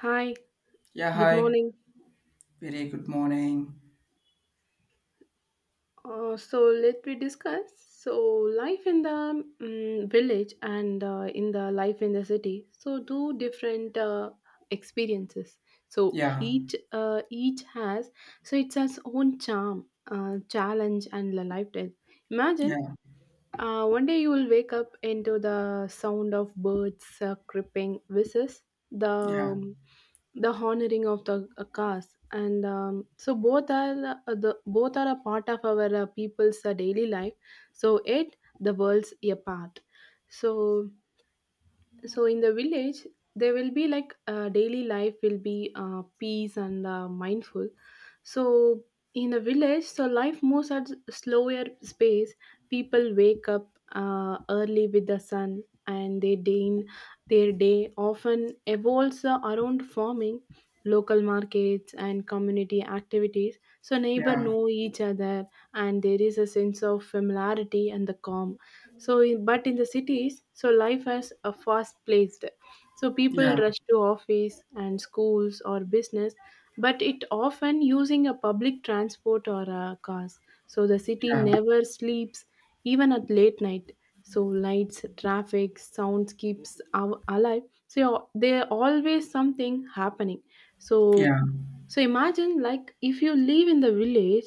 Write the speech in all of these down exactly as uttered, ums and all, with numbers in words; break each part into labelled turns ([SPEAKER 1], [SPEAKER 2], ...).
[SPEAKER 1] Hi,
[SPEAKER 2] Yeah,
[SPEAKER 1] good
[SPEAKER 2] hi.
[SPEAKER 1] morning.
[SPEAKER 2] Very good morning.
[SPEAKER 1] Uh, so let me discuss. So life in the mm village and uh, in the life in the city. So two different uh, experiences. So
[SPEAKER 2] Yeah,
[SPEAKER 1] each uh, each has so it's its own charm, uh, challenge, and the lifestyle. Imagine
[SPEAKER 2] yeah,
[SPEAKER 1] Uh, one day you will wake up into the sound of birds uh, creeping whistles, the
[SPEAKER 2] yeah,
[SPEAKER 1] um, the honoring of the uh, cars, and um, so both are uh, the both are a part of our uh, people's uh, daily life. So it the world's a part. So so in the village there will be like uh, daily life will be uh, peace and uh, mindful so in the village so life moves at slower space. People wake up uh, early with the sun and they deign their day often evolves uh, around farming local markets and community activities so neighbor
[SPEAKER 2] yeah,
[SPEAKER 1] know each other and there is a sense of familiarity and the calm so in, but in the cities so life has a fast paced. So people
[SPEAKER 2] yeah,
[SPEAKER 1] rush to office and schools or business, but it often using a public transport or a cars. So the city
[SPEAKER 2] yeah,
[SPEAKER 1] never sleeps, even at late night. So lights traffic sounds keeps our alive, so there always something happening. so
[SPEAKER 2] yeah,
[SPEAKER 1] so imagine, like if you live in the village,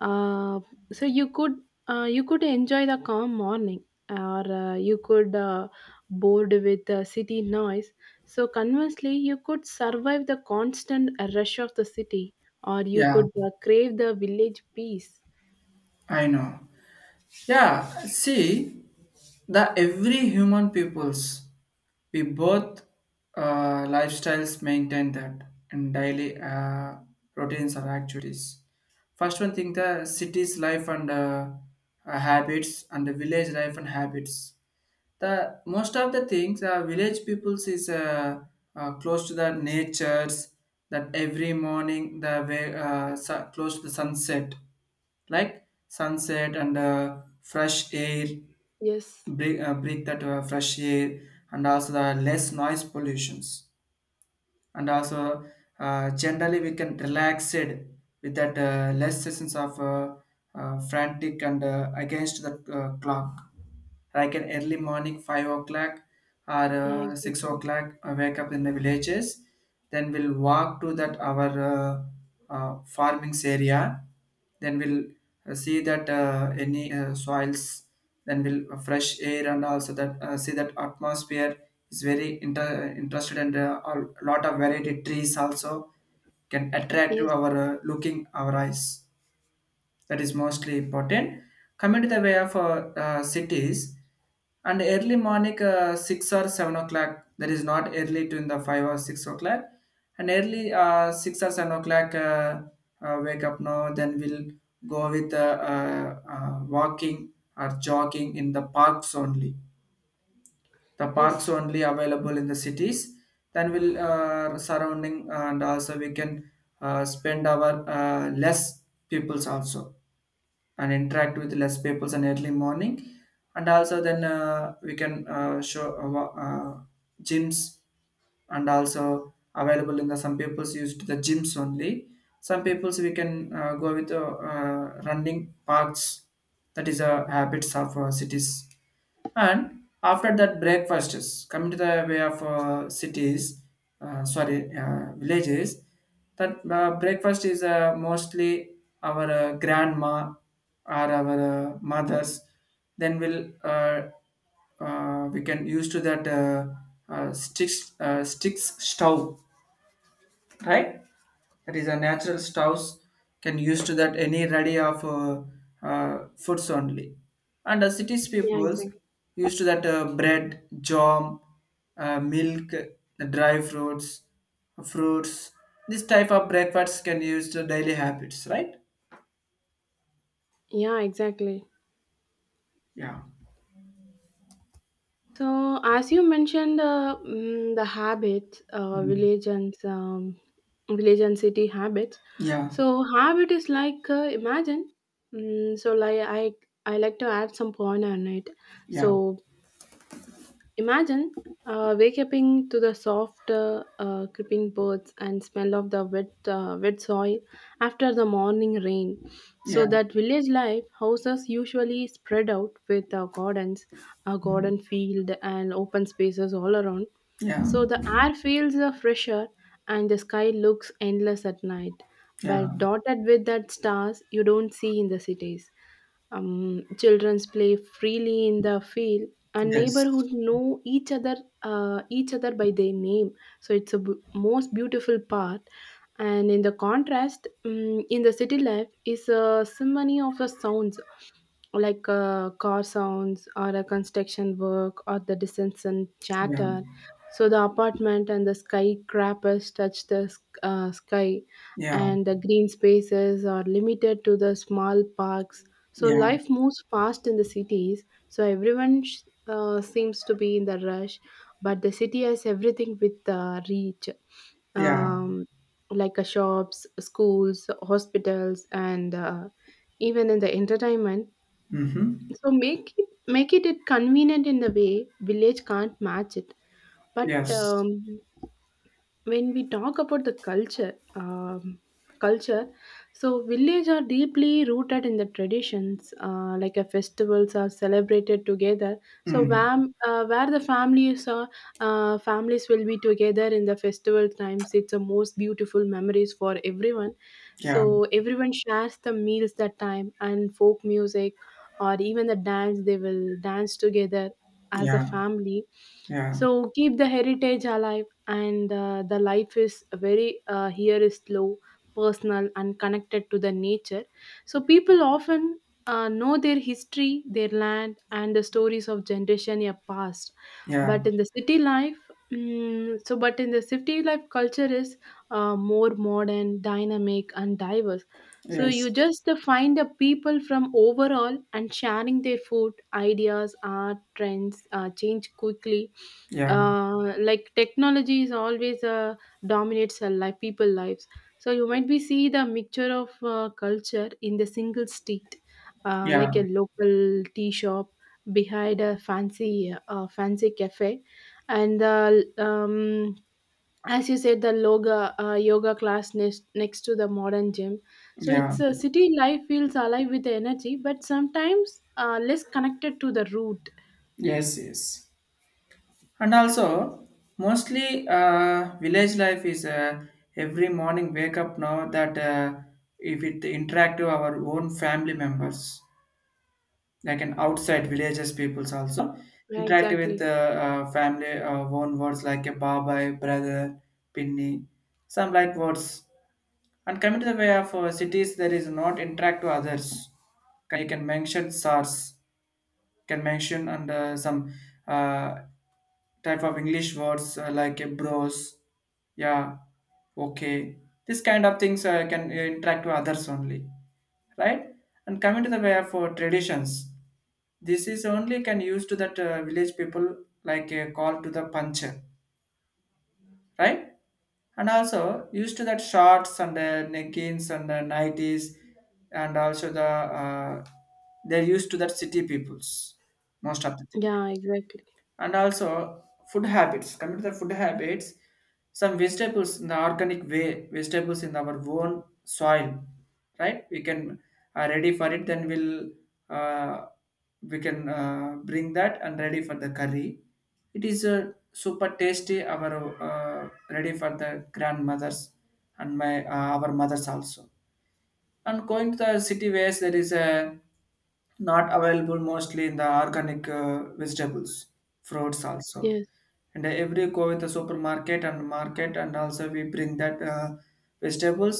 [SPEAKER 1] uh, so you could uh, you could enjoy the calm morning, or uh, you could uh, bored with the city noise. So conversely, you could survive the constant rush of the city, or you
[SPEAKER 2] yeah.
[SPEAKER 1] could uh, crave the village peace.
[SPEAKER 2] I know. Yeah, see, the every human peoples, we both uh, lifestyles maintain that and daily uh, routines or activities. First one thing, the city's life and uh, uh, habits and the village life and habits. The most of the things uh, village peoples is uh, uh, close to the natures, that every morning the way uh, su- close to the sunset, like sunset and uh, fresh air
[SPEAKER 1] Yes.
[SPEAKER 2] breathe, uh, breathe that uh, fresh air, and also the less noise pollutions, and also uh, generally we can relax it with that uh, less sessions of uh, uh, frantic and uh, against the uh, clock, like an early morning five o'clock or
[SPEAKER 1] Yeah.
[SPEAKER 2] uh, six
[SPEAKER 1] Exactly.
[SPEAKER 2] o'clock I wake up in the villages. Then we'll walk to that our uh, uh, farming's area, then we'll uh, see that uh, any uh, soils, then we'll uh, fresh air, and also that uh, see that atmosphere is very inter- uh, interested and uh, a lot of variety trees also can attract to
[SPEAKER 1] Yes.
[SPEAKER 2] our uh, looking our eyes. That is mostly important. Coming to the way of uh, uh, cities, and early morning uh, six or seven o'clock, that is not early to in the five or six o'clock, and early uh, six or seven o'clock uh, uh, wake up now, then we'll go with uh, uh, uh, walking or jogging in the parks only. The parks
[SPEAKER 1] Yes.
[SPEAKER 2] only available in the cities, then we'll uh, surrounding and also we can uh, spend our uh, less peoples also and interact with less people in early morning, and also then uh, we can uh, show uh, wa- uh, gyms and also available in the some people's used the gyms only. Some people's we can uh, go with uh, uh, running parks. That is a habits of uh, cities. And after that breakfast is coming to the way of uh, cities, uh, sorry, uh, villages, that uh, breakfast is uh, mostly our uh, grandma or our uh, mothers. Then we'll uh, uh, we can use to that uh, uh, sticks uh, sticks stove, right? That is a natural stoves, can use to that any ready of uh, uh, foods only. And the cities
[SPEAKER 1] Yeah.
[SPEAKER 2] peoples
[SPEAKER 1] Exactly.
[SPEAKER 2] used to that uh, bread jam, uh, milk, the dry fruits, fruits. This type of breakfasts can use to daily habits, right?
[SPEAKER 1] Yeah. Exactly.
[SPEAKER 2] Yeah.
[SPEAKER 1] So, as you mentioned, uh, mm, the habit, uh,
[SPEAKER 2] Mm.
[SPEAKER 1] religions, um, village and city habits,
[SPEAKER 2] Yeah,
[SPEAKER 1] so habit is like, uh, imagine, mm, so like i i like to add some point on it.
[SPEAKER 2] yeah,
[SPEAKER 1] So imagine uh, waking to the soft, uh, uh, creeping birds and smell of the wet, uh, wet soil after the morning rain.
[SPEAKER 2] yeah,
[SPEAKER 1] So that village life houses usually spread out with uh, gardens, a garden field, and open spaces all around.
[SPEAKER 2] yeah,
[SPEAKER 1] So the air feels uh, fresher, and the sky looks endless at night,
[SPEAKER 2] yeah,
[SPEAKER 1] but dotted with that stars you don't see in the cities. Um, children play freely in the field, our neighborhood
[SPEAKER 2] yes,
[SPEAKER 1] know each other, uh, each other by their name. So it's a bu- most beautiful part. And in the contrast, mm in the city life is a symphony of the sounds, like uh, car sounds or a construction work or the distant
[SPEAKER 2] yeah,
[SPEAKER 1] chatter. So the apartment and the skyscrapers touch the sk- uh, sky,
[SPEAKER 2] yeah,
[SPEAKER 1] and the green spaces are limited to the small parks. So
[SPEAKER 2] yeah,
[SPEAKER 1] life moves fast in the cities. So everyone sh- uh, seems to be in the rush, but the city has everything with the reach,
[SPEAKER 2] yeah.
[SPEAKER 1] um, like uh, shops, schools, hospitals, and uh, even in the entertainment.
[SPEAKER 2] Mm-hmm.
[SPEAKER 1] So make it make it it convenient in the way village can't match it. But
[SPEAKER 2] Yes.
[SPEAKER 1] um, when we talk about the culture, um, culture so village are deeply rooted in the traditions, uh, like a festivals are celebrated together. So
[SPEAKER 2] Mm.
[SPEAKER 1] where, uh, where the families are, uh, families will be together in the festival times, it's the most beautiful memories for everyone.
[SPEAKER 2] Yeah,
[SPEAKER 1] So everyone shares the meals that time, and folk music or even the dance, they will dance together as a
[SPEAKER 2] yeah.
[SPEAKER 1] family,
[SPEAKER 2] Yeah,
[SPEAKER 1] so keep the heritage alive. And uh, the life is very uh, here is slow, personal and connected to the nature. So people often uh, know their history, their land, and the stories of generation are past.
[SPEAKER 2] yeah,
[SPEAKER 1] But in the city life, mm, so but in the city life culture is uh, more modern, dynamic and diverse. So you
[SPEAKER 2] yes,
[SPEAKER 1] just uh, find the people from overall and sharing their food, ideas, art trends uh, change quickly.
[SPEAKER 2] yeah,
[SPEAKER 1] Uh, like technology is always uh, dominates a life people lives. So you might be see the mixture of uh, culture in the single street, uh, like
[SPEAKER 2] yeah,
[SPEAKER 1] a local tea shop behind a fancy uh, fancy cafe, and the um, as you said, the loga, uh, yoga class, next, next to the modern gym. So
[SPEAKER 2] yeah,
[SPEAKER 1] it's a city life feels alive with the energy, but sometimes uh, less connected to the root.
[SPEAKER 2] yes, yes. And also, mostly uh, village life is uh, every morning wake up now, that uh, if it interact with our own family members, like an outside villages peoples also interact with uh,
[SPEAKER 1] Exactly.
[SPEAKER 2] uh, family uh, own words, like a babai, brother, pinni, some like words. And coming to the way of uh, cities, there is not interact to others. Can- you can mention SARS, can mention, and uh, some uh, type of English words uh, like uh, bros, yeah, okay. This kind of things uh, can uh, interact to others only, right? And coming to the way of uh, traditions, this is only can use to that uh, village people, like a call to the puncher, right? And also used to that shorts and the leggings and the nighties, and also the uh, they're used to that city peoples most of the thing.
[SPEAKER 1] Yeah, exactly.
[SPEAKER 2] And also food habits, coming to the food habits, some vegetables in the organic way, vegetables in our own soil, right, we can are ready for it, then we'll uh, we can uh, bring that and ready for the curry. It is uh, super tasty, our uh, ready for the grandmothers and my uh, our mothers also. And going to the city waste, there is a not available mostly in the organic uh, vegetables, fruits also.
[SPEAKER 1] Yes.
[SPEAKER 2] And every go with the supermarket and market, and also we bring that uh, vegetables,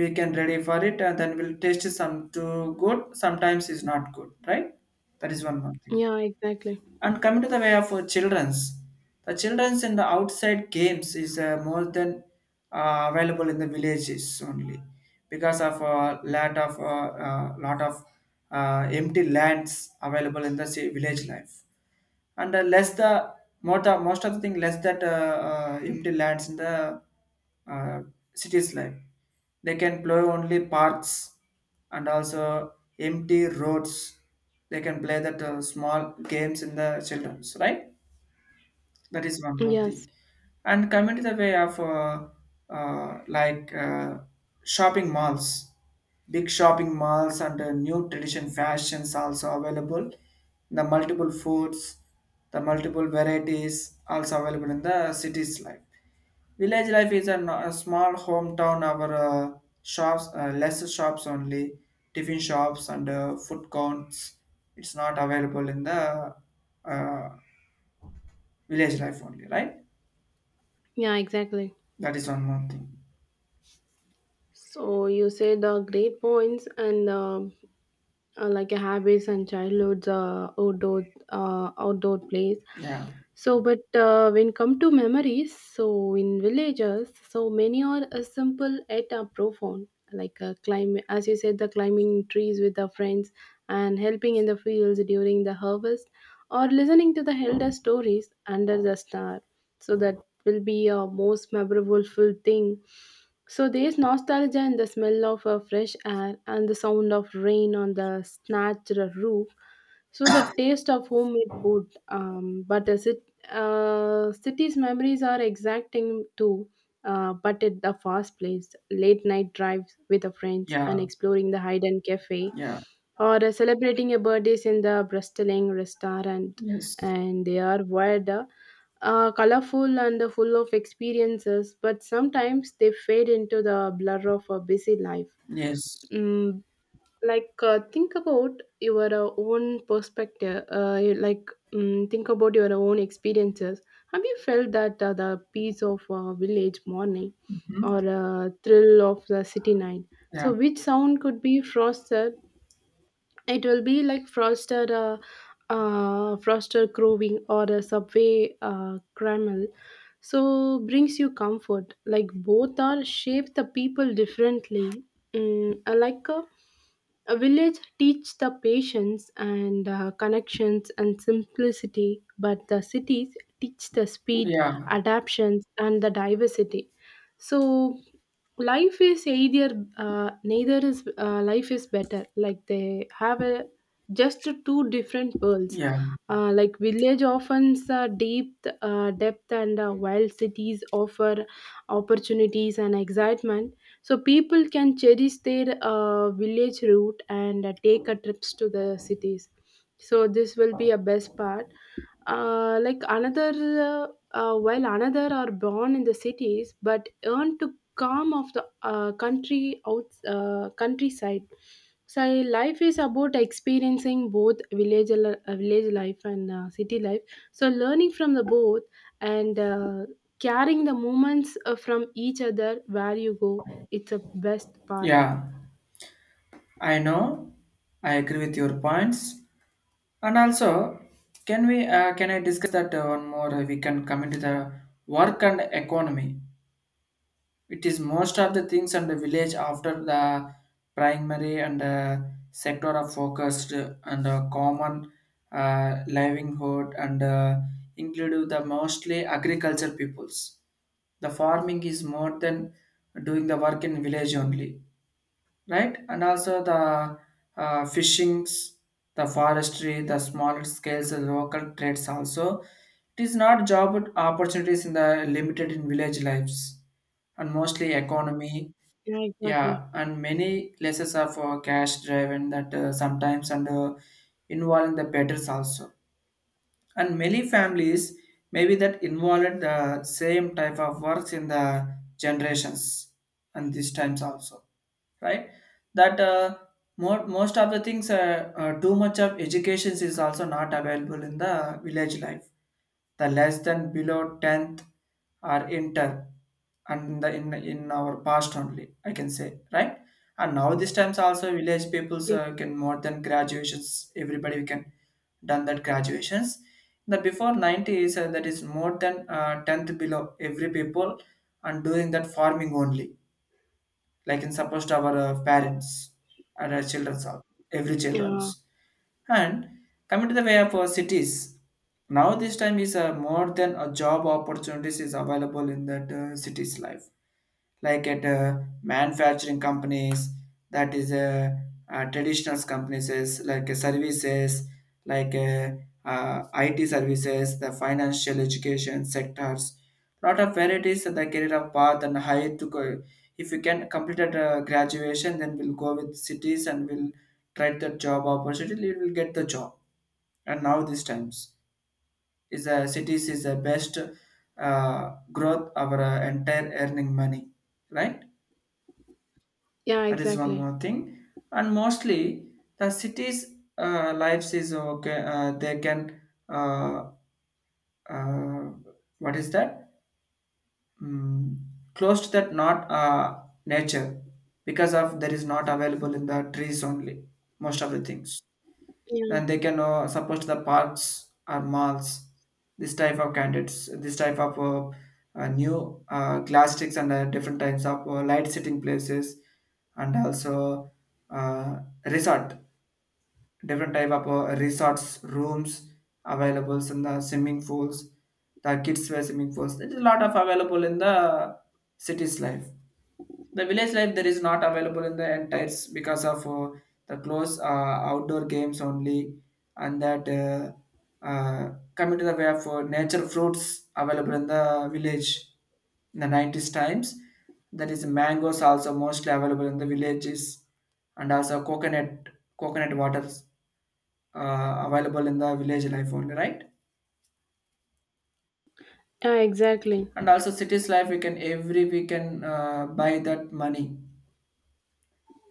[SPEAKER 2] we can ready for it, and then we'll taste some too good, sometimes is not good, right? That is one more thing.
[SPEAKER 1] Yeah, exactly.
[SPEAKER 2] And coming to the way of uh, children's, the children's in the outside games is uh, more than uh, available in the villages only, because of a lot of uh, uh, lot of uh, empty lands available in the ci- village life, and uh, less the most of, most of the thing less that uh, uh, empty lands in the uh, city's life. They can play only parks, and also empty roads, they can play that uh, small games in the children's, right? That is one more
[SPEAKER 1] Yes.
[SPEAKER 2] thing. And coming to the way of uh, uh, like uh, shopping malls, big shopping malls and uh, new tradition fashions also available. The multiple foods, the multiple varieties also available in the city's life. Village life is an, a small hometown, our uh, shops, uh, lesser shops only, tiffin shops and uh, food counts. It's not available in the uh, village life only, right?
[SPEAKER 1] Yeah, exactly.
[SPEAKER 2] That is one more thing.
[SPEAKER 1] So you said the great points, and uh, uh, like a habits and childhood's uh, outdoor uh, outdoor place.
[SPEAKER 2] Yeah.
[SPEAKER 1] So but uh, when come to memories, so in villages so many are uh, simple yet uh, profound, like uh, climb as you said, the climbing trees with the friends and helping in the fields during the harvest, or listening to the elder stories under the star. So that will be a most memorable full thing. So there's nostalgia in the smell of uh, fresh air and the sound of rain on the snatched roof. So the taste of homemade food, um, but the cit- uh, city's memories are exacting too. Uh, but at the fast place, late night drives with the friends
[SPEAKER 2] Yeah.
[SPEAKER 1] and exploring the hidden cafe,
[SPEAKER 2] Yeah.
[SPEAKER 1] or uh, celebrating a birthdays in the bristling restaurant.
[SPEAKER 2] Yes.
[SPEAKER 1] And they are wild, uh, uh, colorful, and full of experiences, but sometimes they fade into the blur of a busy life.
[SPEAKER 2] Yes.
[SPEAKER 1] Mm, like uh, think about your uh, own perspective, uh, you- like mm think about your own experiences. Have you felt that uh, the peace of uh, village morning or uh, thrill of the city night?
[SPEAKER 2] Yeah.
[SPEAKER 1] So which sound could be frosted? It will be like frosted uh, uh, frosted crowing or a subway uh, caramel. So brings you comfort, like both are shape the people differently. mm, I like a a village teach the patience and uh, connections and simplicity, but the cities teach the speed,
[SPEAKER 2] Yeah.
[SPEAKER 1] adaptations, and the diversity. So life is either uh, neither is uh, life is better, like they have a just two different worlds.
[SPEAKER 2] Yeah.
[SPEAKER 1] Uh, like village offers uh, deep uh, depth and uh, wild, cities offer opportunities and excitement. So people can cherish their uh, village route and uh, take a trips to the cities. So this will be a best part. Uh, like another uh, uh, While another are born in the cities but earn to come of the uh, country out uh, countryside. So life is about experiencing both village al- uh, village life and uh, city life. So learning from the both, and uh, carrying the moments uh, from each other where you go, it's a best part.
[SPEAKER 2] Yeah. I know. I agree with your points. And also, can we uh, can I discuss that uh, one more? We can come into the work and economy. It is most of the things, and the village after the primary and uh, sector of focused, and uh, common uh, livelihood, and uh, include the mostly agriculture peoples. The farming is more than doing the work in village only, right? And also the uh, fishings, the forestry, the small scales, the local trades also. It is not job opportunities in the limited in village lives and mostly economy.
[SPEAKER 1] Yeah, exactly.
[SPEAKER 2] Yeah, and many lessons are for cash driven, that uh, sometimes, and uh, involving the betters also. And many families maybe that involved the same type of works in the generations and these times also, right? That uh, more, most of the things uh, uh, too much of education is also not available in the village life. The less than below tenth are inter, and in the in, in our past only I can say, right? And now these times also village peoples
[SPEAKER 1] Yes.
[SPEAKER 2] uh, can more than graduations, everybody can done that graduations. The before nineties uh, that is more than uh, tenth below every people, and doing that farming only, like in supposed our uh, parents and our children's all, every
[SPEAKER 1] Yeah,
[SPEAKER 2] children's. And coming to the way of our cities, now this time is uh, more than a job opportunities is available in that uh, city's life, like at uh, manufacturing companies. That is uh, uh, traditional companies is like uh, services, like uh, uh, I T services, the financial education sectors, lot of varieties in the career of path and high to go. If you can complete at uh, graduation, then we'll go with cities, and we'll try the job opportunity, we'll get the job. And now these times is the cities is the best uh, growth our uh, entire earning money, right?
[SPEAKER 1] yeah,
[SPEAKER 2] That is one
[SPEAKER 1] exactly.
[SPEAKER 2] more thing. And mostly the cities' uh, lives is okay. Uh, they can uh, uh, what is that? Mm, close to that not uh, nature, because of there is not available in the trees only, most of the things.
[SPEAKER 1] Yeah,
[SPEAKER 2] And they can uh, support the parks or malls, this type of candidates, this type of uh, uh, new uh, glass sticks and uh, different types of uh, light sitting places, and also uh, resort, different type of uh, resorts rooms, available in the swimming pools, the kids wear swimming pools, there's a lot of available in the city's life. The village life there is not available in the entires, because of uh, the close uh, outdoor games only. And that uh, uh, coming to the way of uh, nature fruits available in the village in the nineties times, that is mangoes also mostly available in the villages, and also coconut, coconut waters uh, available in the village life only, right?
[SPEAKER 1] Yeah, exactly.
[SPEAKER 2] And also cities life, we can every we can uh, buy that money.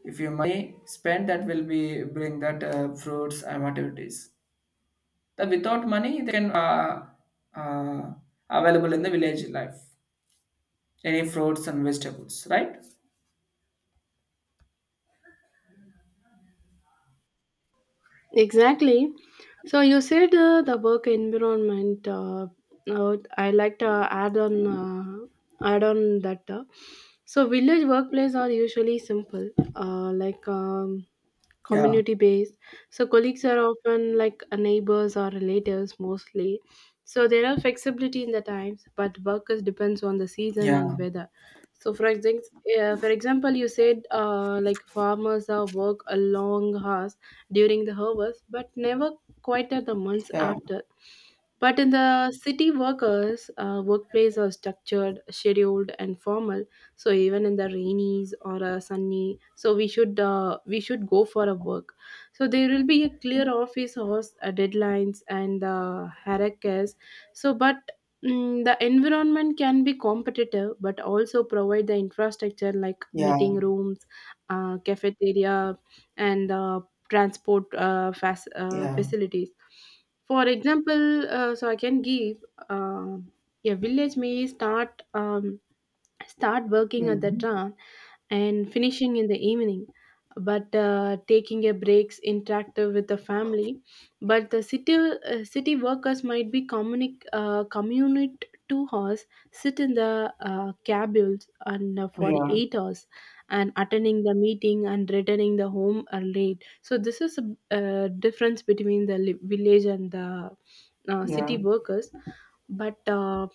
[SPEAKER 2] If you money spent, that will be bring that uh, fruits and activities. That without money they can uh, uh, available in the village life any fruits and vegetables, right?
[SPEAKER 1] Exactly. So you said uh, the work environment. Uh, uh, I like to add on uh, add on that. Uh, so village workplaces are usually simple, uh, like um,
[SPEAKER 2] Yeah,
[SPEAKER 1] community based. So colleagues are often like uh, neighbors or relatives mostly. So there are flexibility in the times, but workers depends on the season
[SPEAKER 2] yeah,
[SPEAKER 1] and weather. So for example, uh, for example, you said uh, like farmers are work a long hours during the harvest, but never quite at the months
[SPEAKER 2] yeah,
[SPEAKER 1] after. But in the city workers, uh, workplace are structured, scheduled, and formal. So even in the rainies or a sunny, so we should uh, we should go for a work. So there will be a clear office hours, uh, deadlines, and uh, hierarchies. So, but mm, the environment can be competitive, but also provide the infrastructure like
[SPEAKER 2] yeah,
[SPEAKER 1] meeting rooms, uh, cafeteria, and uh, transport uh, fac- uh,
[SPEAKER 2] yeah.
[SPEAKER 1] facilities. For example, uh, so I can give uh, a village may start, um, start working at the
[SPEAKER 2] Hmm.
[SPEAKER 1] tra and finishing in the evening, but uh, taking a breaks, interactive with the family. But the city uh, city workers might be communi- uh, commute two hours, sit in the uh, cabins and uh, for
[SPEAKER 2] Yeah,
[SPEAKER 1] eight hours, and attending the meeting and returning the home are late. So this is a uh, difference between the li- village and the uh,
[SPEAKER 2] yeah,
[SPEAKER 1] city workers. But uh,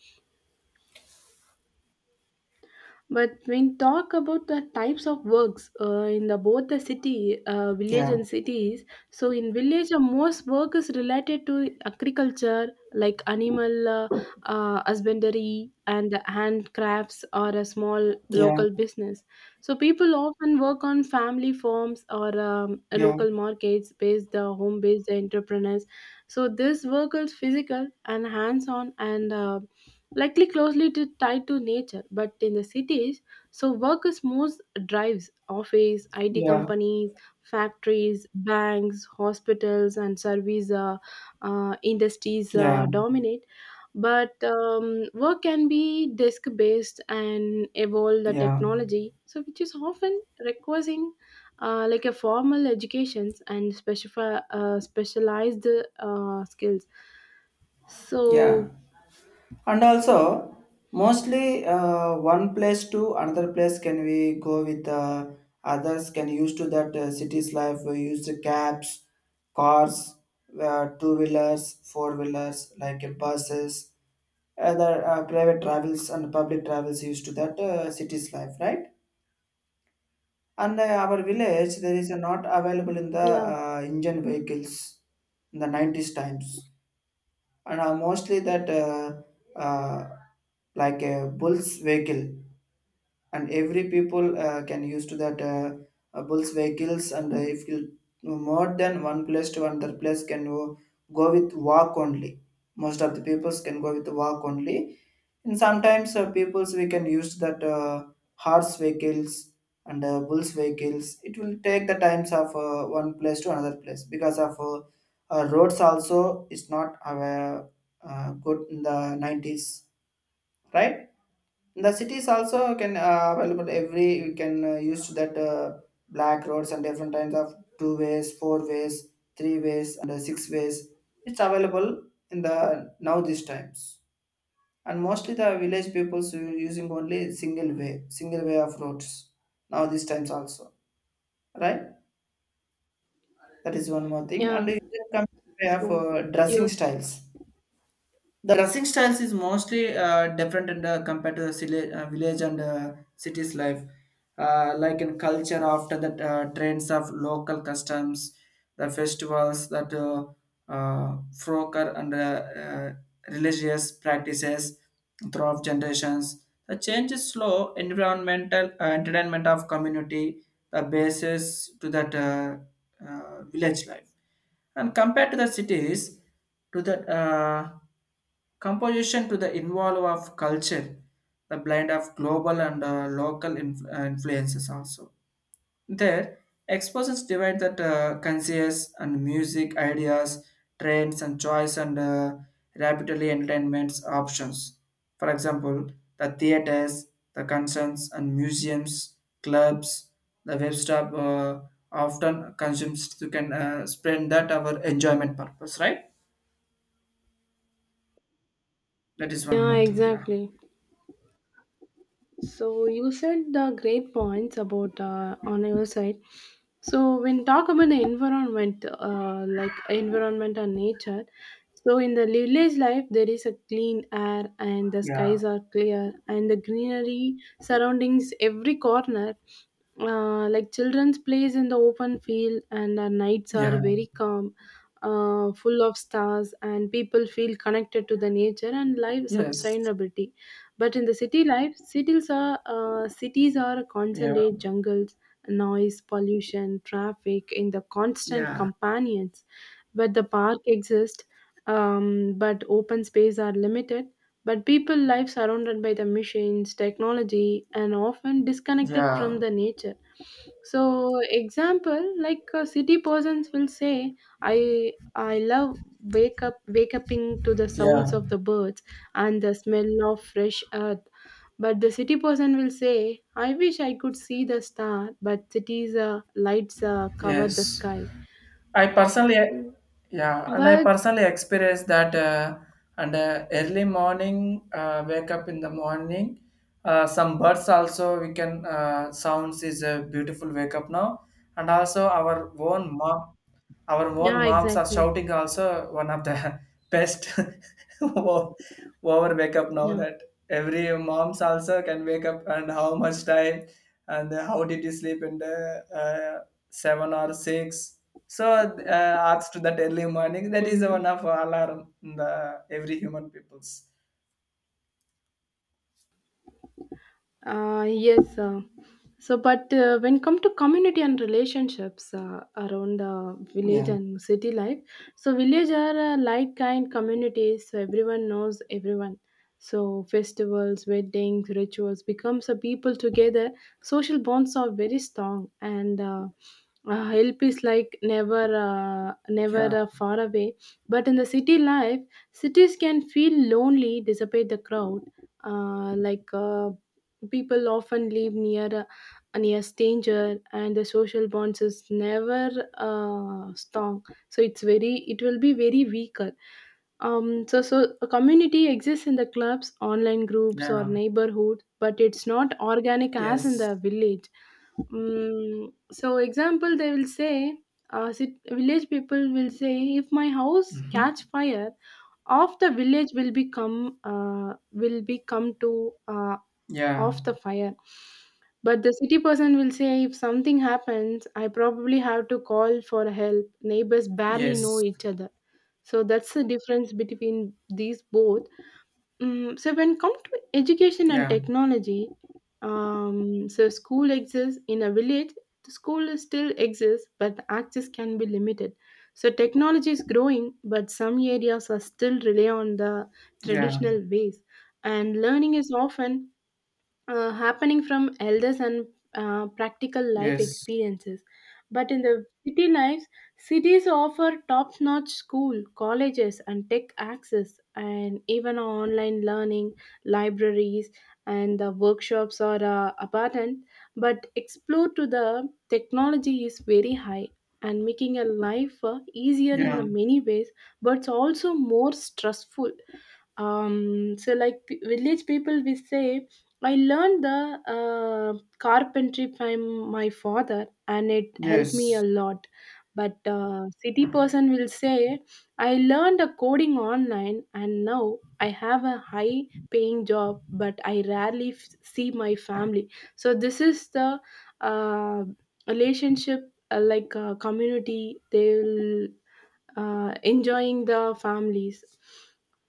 [SPEAKER 1] But when talk about the types of works uh, in the both the city, uh, village
[SPEAKER 2] yeah,
[SPEAKER 1] and cities, so in village the most work is related to agriculture, like animal uh, uh, husbandry and handcrafts or a small
[SPEAKER 2] yeah,
[SPEAKER 1] local business. So people often work on family farms or um, a
[SPEAKER 2] yeah,
[SPEAKER 1] local markets based the home based entrepreneurs. So this work is physical and hands on, and uh, likely closely to tied to nature. But in the cities, so work is moves, drives office it
[SPEAKER 2] yeah,
[SPEAKER 1] companies, factories, banks, hospitals and service uh, uh, industries
[SPEAKER 2] yeah,
[SPEAKER 1] uh, dominate. But um, work can be disk based and evolve the
[SPEAKER 2] yeah,
[SPEAKER 1] technology, so which is often requiring uh, like a formal educations and specifi- uh, specialized uh, skills. So
[SPEAKER 2] yeah. And also, mostly uh, one place to another place can we go with uh, others, can use to that uh, city's life. We use the cabs, cars, uh, two wheelers, four wheelers, like uh, buses, other uh, private travels and public travels used to that uh, city's life, right? And uh, our village there is uh, not available in the
[SPEAKER 1] yeah,
[SPEAKER 2] uh, engine vehicles in the nineties times and uh, mostly that uh, uh, like a bull's vehicle, and every people uh, can use to that uh, uh, bulls vehicles. And uh, if you no more than one place to another place can go, go with walk only. Most of the peoples can go with walk only, and sometimes uh, peoples we can use that uh, horse vehicles and uh, bulls vehicles. It will take the times of uh, one place to another place because of uh, uh, roads also is not uh, uh, good in the nineties, right? The cities also can uh, available, every you can uh, use to that uh, black roads and different kinds of two ways, four ways, three ways, and uh, six ways. It's available in the now these times, and mostly the village peoples u- using only single way, single way of roads now these times also, right? That is one more thing,
[SPEAKER 1] yeah.
[SPEAKER 2] and using compare
[SPEAKER 1] So,
[SPEAKER 2] for dressing
[SPEAKER 1] yes.
[SPEAKER 2] styles. The dressing styles is mostly uh, different and uh, compared to the sila- uh, village and uh, cities life. Uh, like in culture, after the uh, trends of local customs, the festivals that uh, uh, frocker and uh, uh, religious practices throughout generations. The change is slow. Environmental uh, entertainment of community, the basis to that uh, uh, village life, and compared to the cities, to that. Uh, Composition to the involve of culture, the blend of global and uh, local inf- uh, influences also. There, exposures divide that uh, conscious and music ideas, trends and choice and uh, rapidly entertainments options. For example, the theaters, the concerts and museums, clubs, the web shop uh, often consumes you can uh, spend that our enjoyment purpose, right? That is one
[SPEAKER 1] Yeah,
[SPEAKER 2] more thing, yeah.
[SPEAKER 1] exactly. So you said the great points about uh, on your side. So when talk about the environment, uh, like environment and nature, so in the village life there is a clean air and the
[SPEAKER 2] Yeah.
[SPEAKER 1] skies are clear and the greenery surroundings every corner. Uh, like children's plays in the open field, and the nights are
[SPEAKER 2] Yeah.
[SPEAKER 1] very calm, uh, full of stars, and people feel connected to the nature and life
[SPEAKER 2] Yes.
[SPEAKER 1] sustainability. But in the city life, cities are uh, cities are
[SPEAKER 2] Yeah.
[SPEAKER 1] concentrated jungles, noise, pollution, traffic, in the constant
[SPEAKER 2] Yeah.
[SPEAKER 1] companions. But the park exists, um, but open space are limited. But people life surrounded by the machines, technology, and often disconnected from
[SPEAKER 2] Yeah,
[SPEAKER 1] the nature. So example, like uh, city persons will say, I I love wake up wake uping to the sounds
[SPEAKER 2] yeah,
[SPEAKER 1] of the birds and the smell of fresh earth. But the city person will say, I wish I could see the star, but cities uh, lights uh, cover the
[SPEAKER 2] yes.
[SPEAKER 1] sky.
[SPEAKER 2] I personally,
[SPEAKER 1] Mm.
[SPEAKER 2] yeah, and I
[SPEAKER 1] But
[SPEAKER 2] personally experienced that. Uh, and uh, early morning, uh, wake up in the morning. Uh, some birds also we can uh, sounds is a beautiful wake up now, and also our own mom. Our own
[SPEAKER 1] yeah,
[SPEAKER 2] moms are
[SPEAKER 1] exactly.
[SPEAKER 2] shouting also one of the best o- over wake up now
[SPEAKER 1] Yeah.
[SPEAKER 2] that every moms also can wake up, and how much time and how did you sleep in the uh, seven or six. So uh, asked that early morning, that is one
[SPEAKER 1] Mm.
[SPEAKER 2] of alarm in the every human people's.
[SPEAKER 1] Uh, yes. Uh, So, but uh, when come to community and relationships uh, around uh, village
[SPEAKER 2] Yeah.
[SPEAKER 1] and city life, so village are uh, like kind communities. So everyone knows everyone. So festivals, weddings, rituals becomes a people together. Social bonds are very strong, and uh, uh, help is like never, uh, never
[SPEAKER 2] Yeah,
[SPEAKER 1] uh, far away. But in the city life, cities can feel lonely, despite the crowd. Uh, like uh, people often live near uh, near stranger, and the social bonds is never uh, strong, so it's very it will be very weaker. Um so so a community exists in the clubs, online groups, or
[SPEAKER 2] yeah,
[SPEAKER 1] neighborhood, but it's not organic as in
[SPEAKER 2] yes,
[SPEAKER 1] the village. Mm, so example they will say, uh, sit, village people will say, if my house
[SPEAKER 2] mm-hmm.
[SPEAKER 1] catch fire, half the village will become uh, will be come to uh,
[SPEAKER 2] Yeah,
[SPEAKER 1] off the fire. But the city person will say, if something happens, I probably have to call for help. Neighbors barely know
[SPEAKER 2] yes,
[SPEAKER 1] each other. So that's the difference between these both. Mm, so when come to education and
[SPEAKER 2] yeah,
[SPEAKER 1] technology, um, so school exists in a village. The school is still exists, but the access can be limited. So technology is growing, but some areas are still rely on the
[SPEAKER 2] yeah,
[SPEAKER 1] traditional ways. And learning is often uh, happening from elders and uh, practical life
[SPEAKER 2] yes,
[SPEAKER 1] experiences. But in the city lives, cities offer top notch school, colleges, and tech access, and even online learning, libraries, and the workshops are uh, abundant. But explore to the technology is very high and making a life uh, easier in the
[SPEAKER 2] yeah,
[SPEAKER 1] many ways, but it's also more stressful. Um so like p- village people, we say, I learned the uh, carpentry from my father, and it helped me
[SPEAKER 2] yes,
[SPEAKER 1] a lot. But uh, city person will say, I learned a coding online, and now I have a high paying job, but I rarely f- see my family. So this is the uh, relationship, uh, like uh, community they will uh, enjoying the families,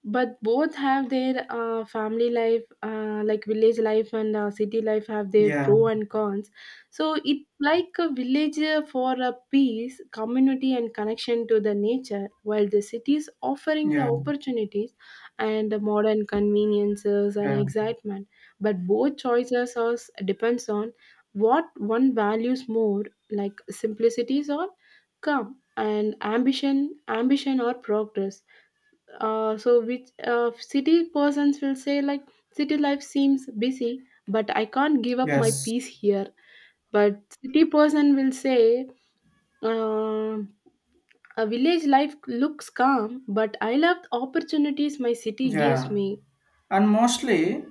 [SPEAKER 1] but both have their uh, family life, uh, like village life and uh, city life have their
[SPEAKER 2] yeah.
[SPEAKER 1] pro and cons. So it's like a village uh, for a peace community and connection to the nature, while the city is offering the
[SPEAKER 2] Yeah,
[SPEAKER 1] opportunities and the modern conveniences and
[SPEAKER 2] yeah,
[SPEAKER 1] excitement. But both choices are, depends on what one values more, like simplicities or calm and ambition ambition or progress. Uh, so which uh, city persons will say, like, city life seems busy but I can't give up my
[SPEAKER 2] yes,
[SPEAKER 1] peace here. But city person will say, uh, a village life looks calm but I love the opportunities my city gives
[SPEAKER 2] yeah.
[SPEAKER 1] me.
[SPEAKER 2] And mostly,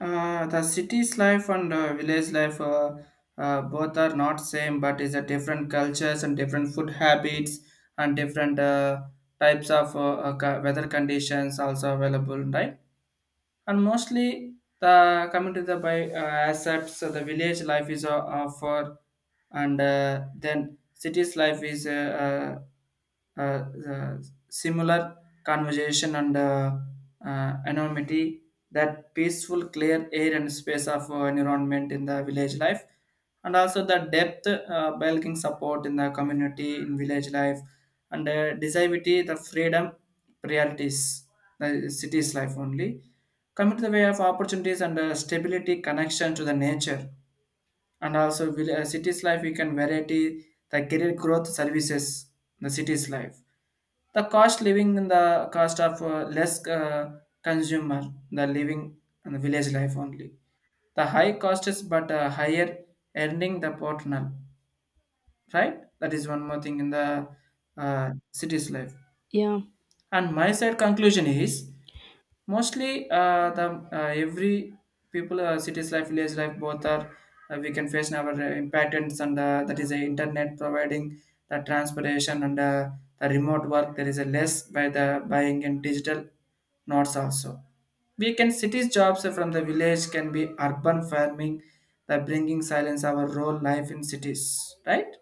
[SPEAKER 2] uh, the city's life and uh, village life, uh, uh, both are not same, but is a different cultures and different food habits and different uh, types of uh, uh, co- weather conditions also available, right? And mostly the coming to the by uh, assets, so the village life is uh, offer, and uh, then city's life is uh, uh, uh, uh, similar conversation and uh, uh, anonymity, that peaceful clear air and space of uh, environment in the village life, and also the depth uh, belonging support in the community in village life, and uh, disability the freedom priorities the city's life only. Coming to the way of opportunities and uh, stability, connection to the nature, and also will, uh, city's life, we can variety the career growth services, the city's life. The cost living in the cost of uh, less uh, consumer, the living in the village life only. The high cost is but uh, higher earning the partner, right? That is one more thing in the uh, city's life.
[SPEAKER 1] Yeah.
[SPEAKER 2] And my side conclusion is mostly, uh, the uh, every people, uh, cities life, village life, both are uh, we can face our uh, impactants, and uh, that is the internet providing the transportation and uh, the remote work. There is a less by the buying and digital nodes also. We can cities jobs from the village can be urban farming, the bringing silence our role life in cities, right?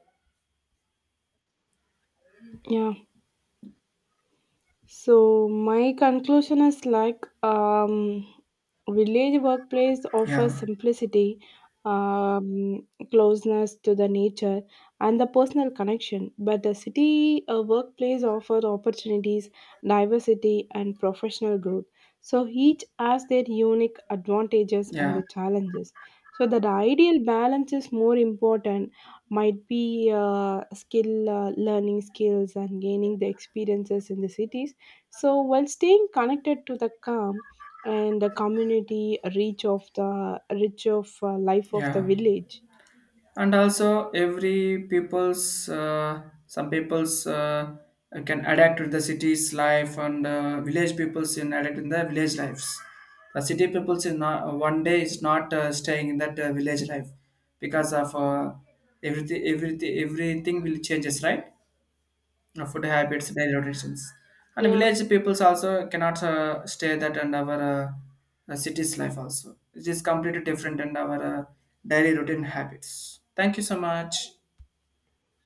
[SPEAKER 1] Yeah. So my conclusion is like um, village workplace offers
[SPEAKER 2] Yeah,
[SPEAKER 1] simplicity, um, closeness to the nature, and the personal connection. But the city uh, workplace offers opportunities, diversity, and professional growth. So each has their unique advantages and
[SPEAKER 2] yeah,
[SPEAKER 1] the challenges. So that the ideal balance is more important, might be uh, skill uh, learning skills and gaining the experiences in the cities, so while staying connected to the calm and the community reach of the reach of uh, life of the
[SPEAKER 2] yeah.
[SPEAKER 1] village.
[SPEAKER 2] And also every people's uh, some people's uh, can adapt to the city's life, and uh, village peoples in adapt in the village lives. The city peoples in not, one day is not uh, staying in that uh, village life because of uh, everything everything everything will changes, right? Uh, food habits, daily routines. And
[SPEAKER 1] Yeah.
[SPEAKER 2] village peoples also cannot uh, stay that and our uh, uh, city's life also. It is completely different and our uh, daily routine habits. Thank you so much.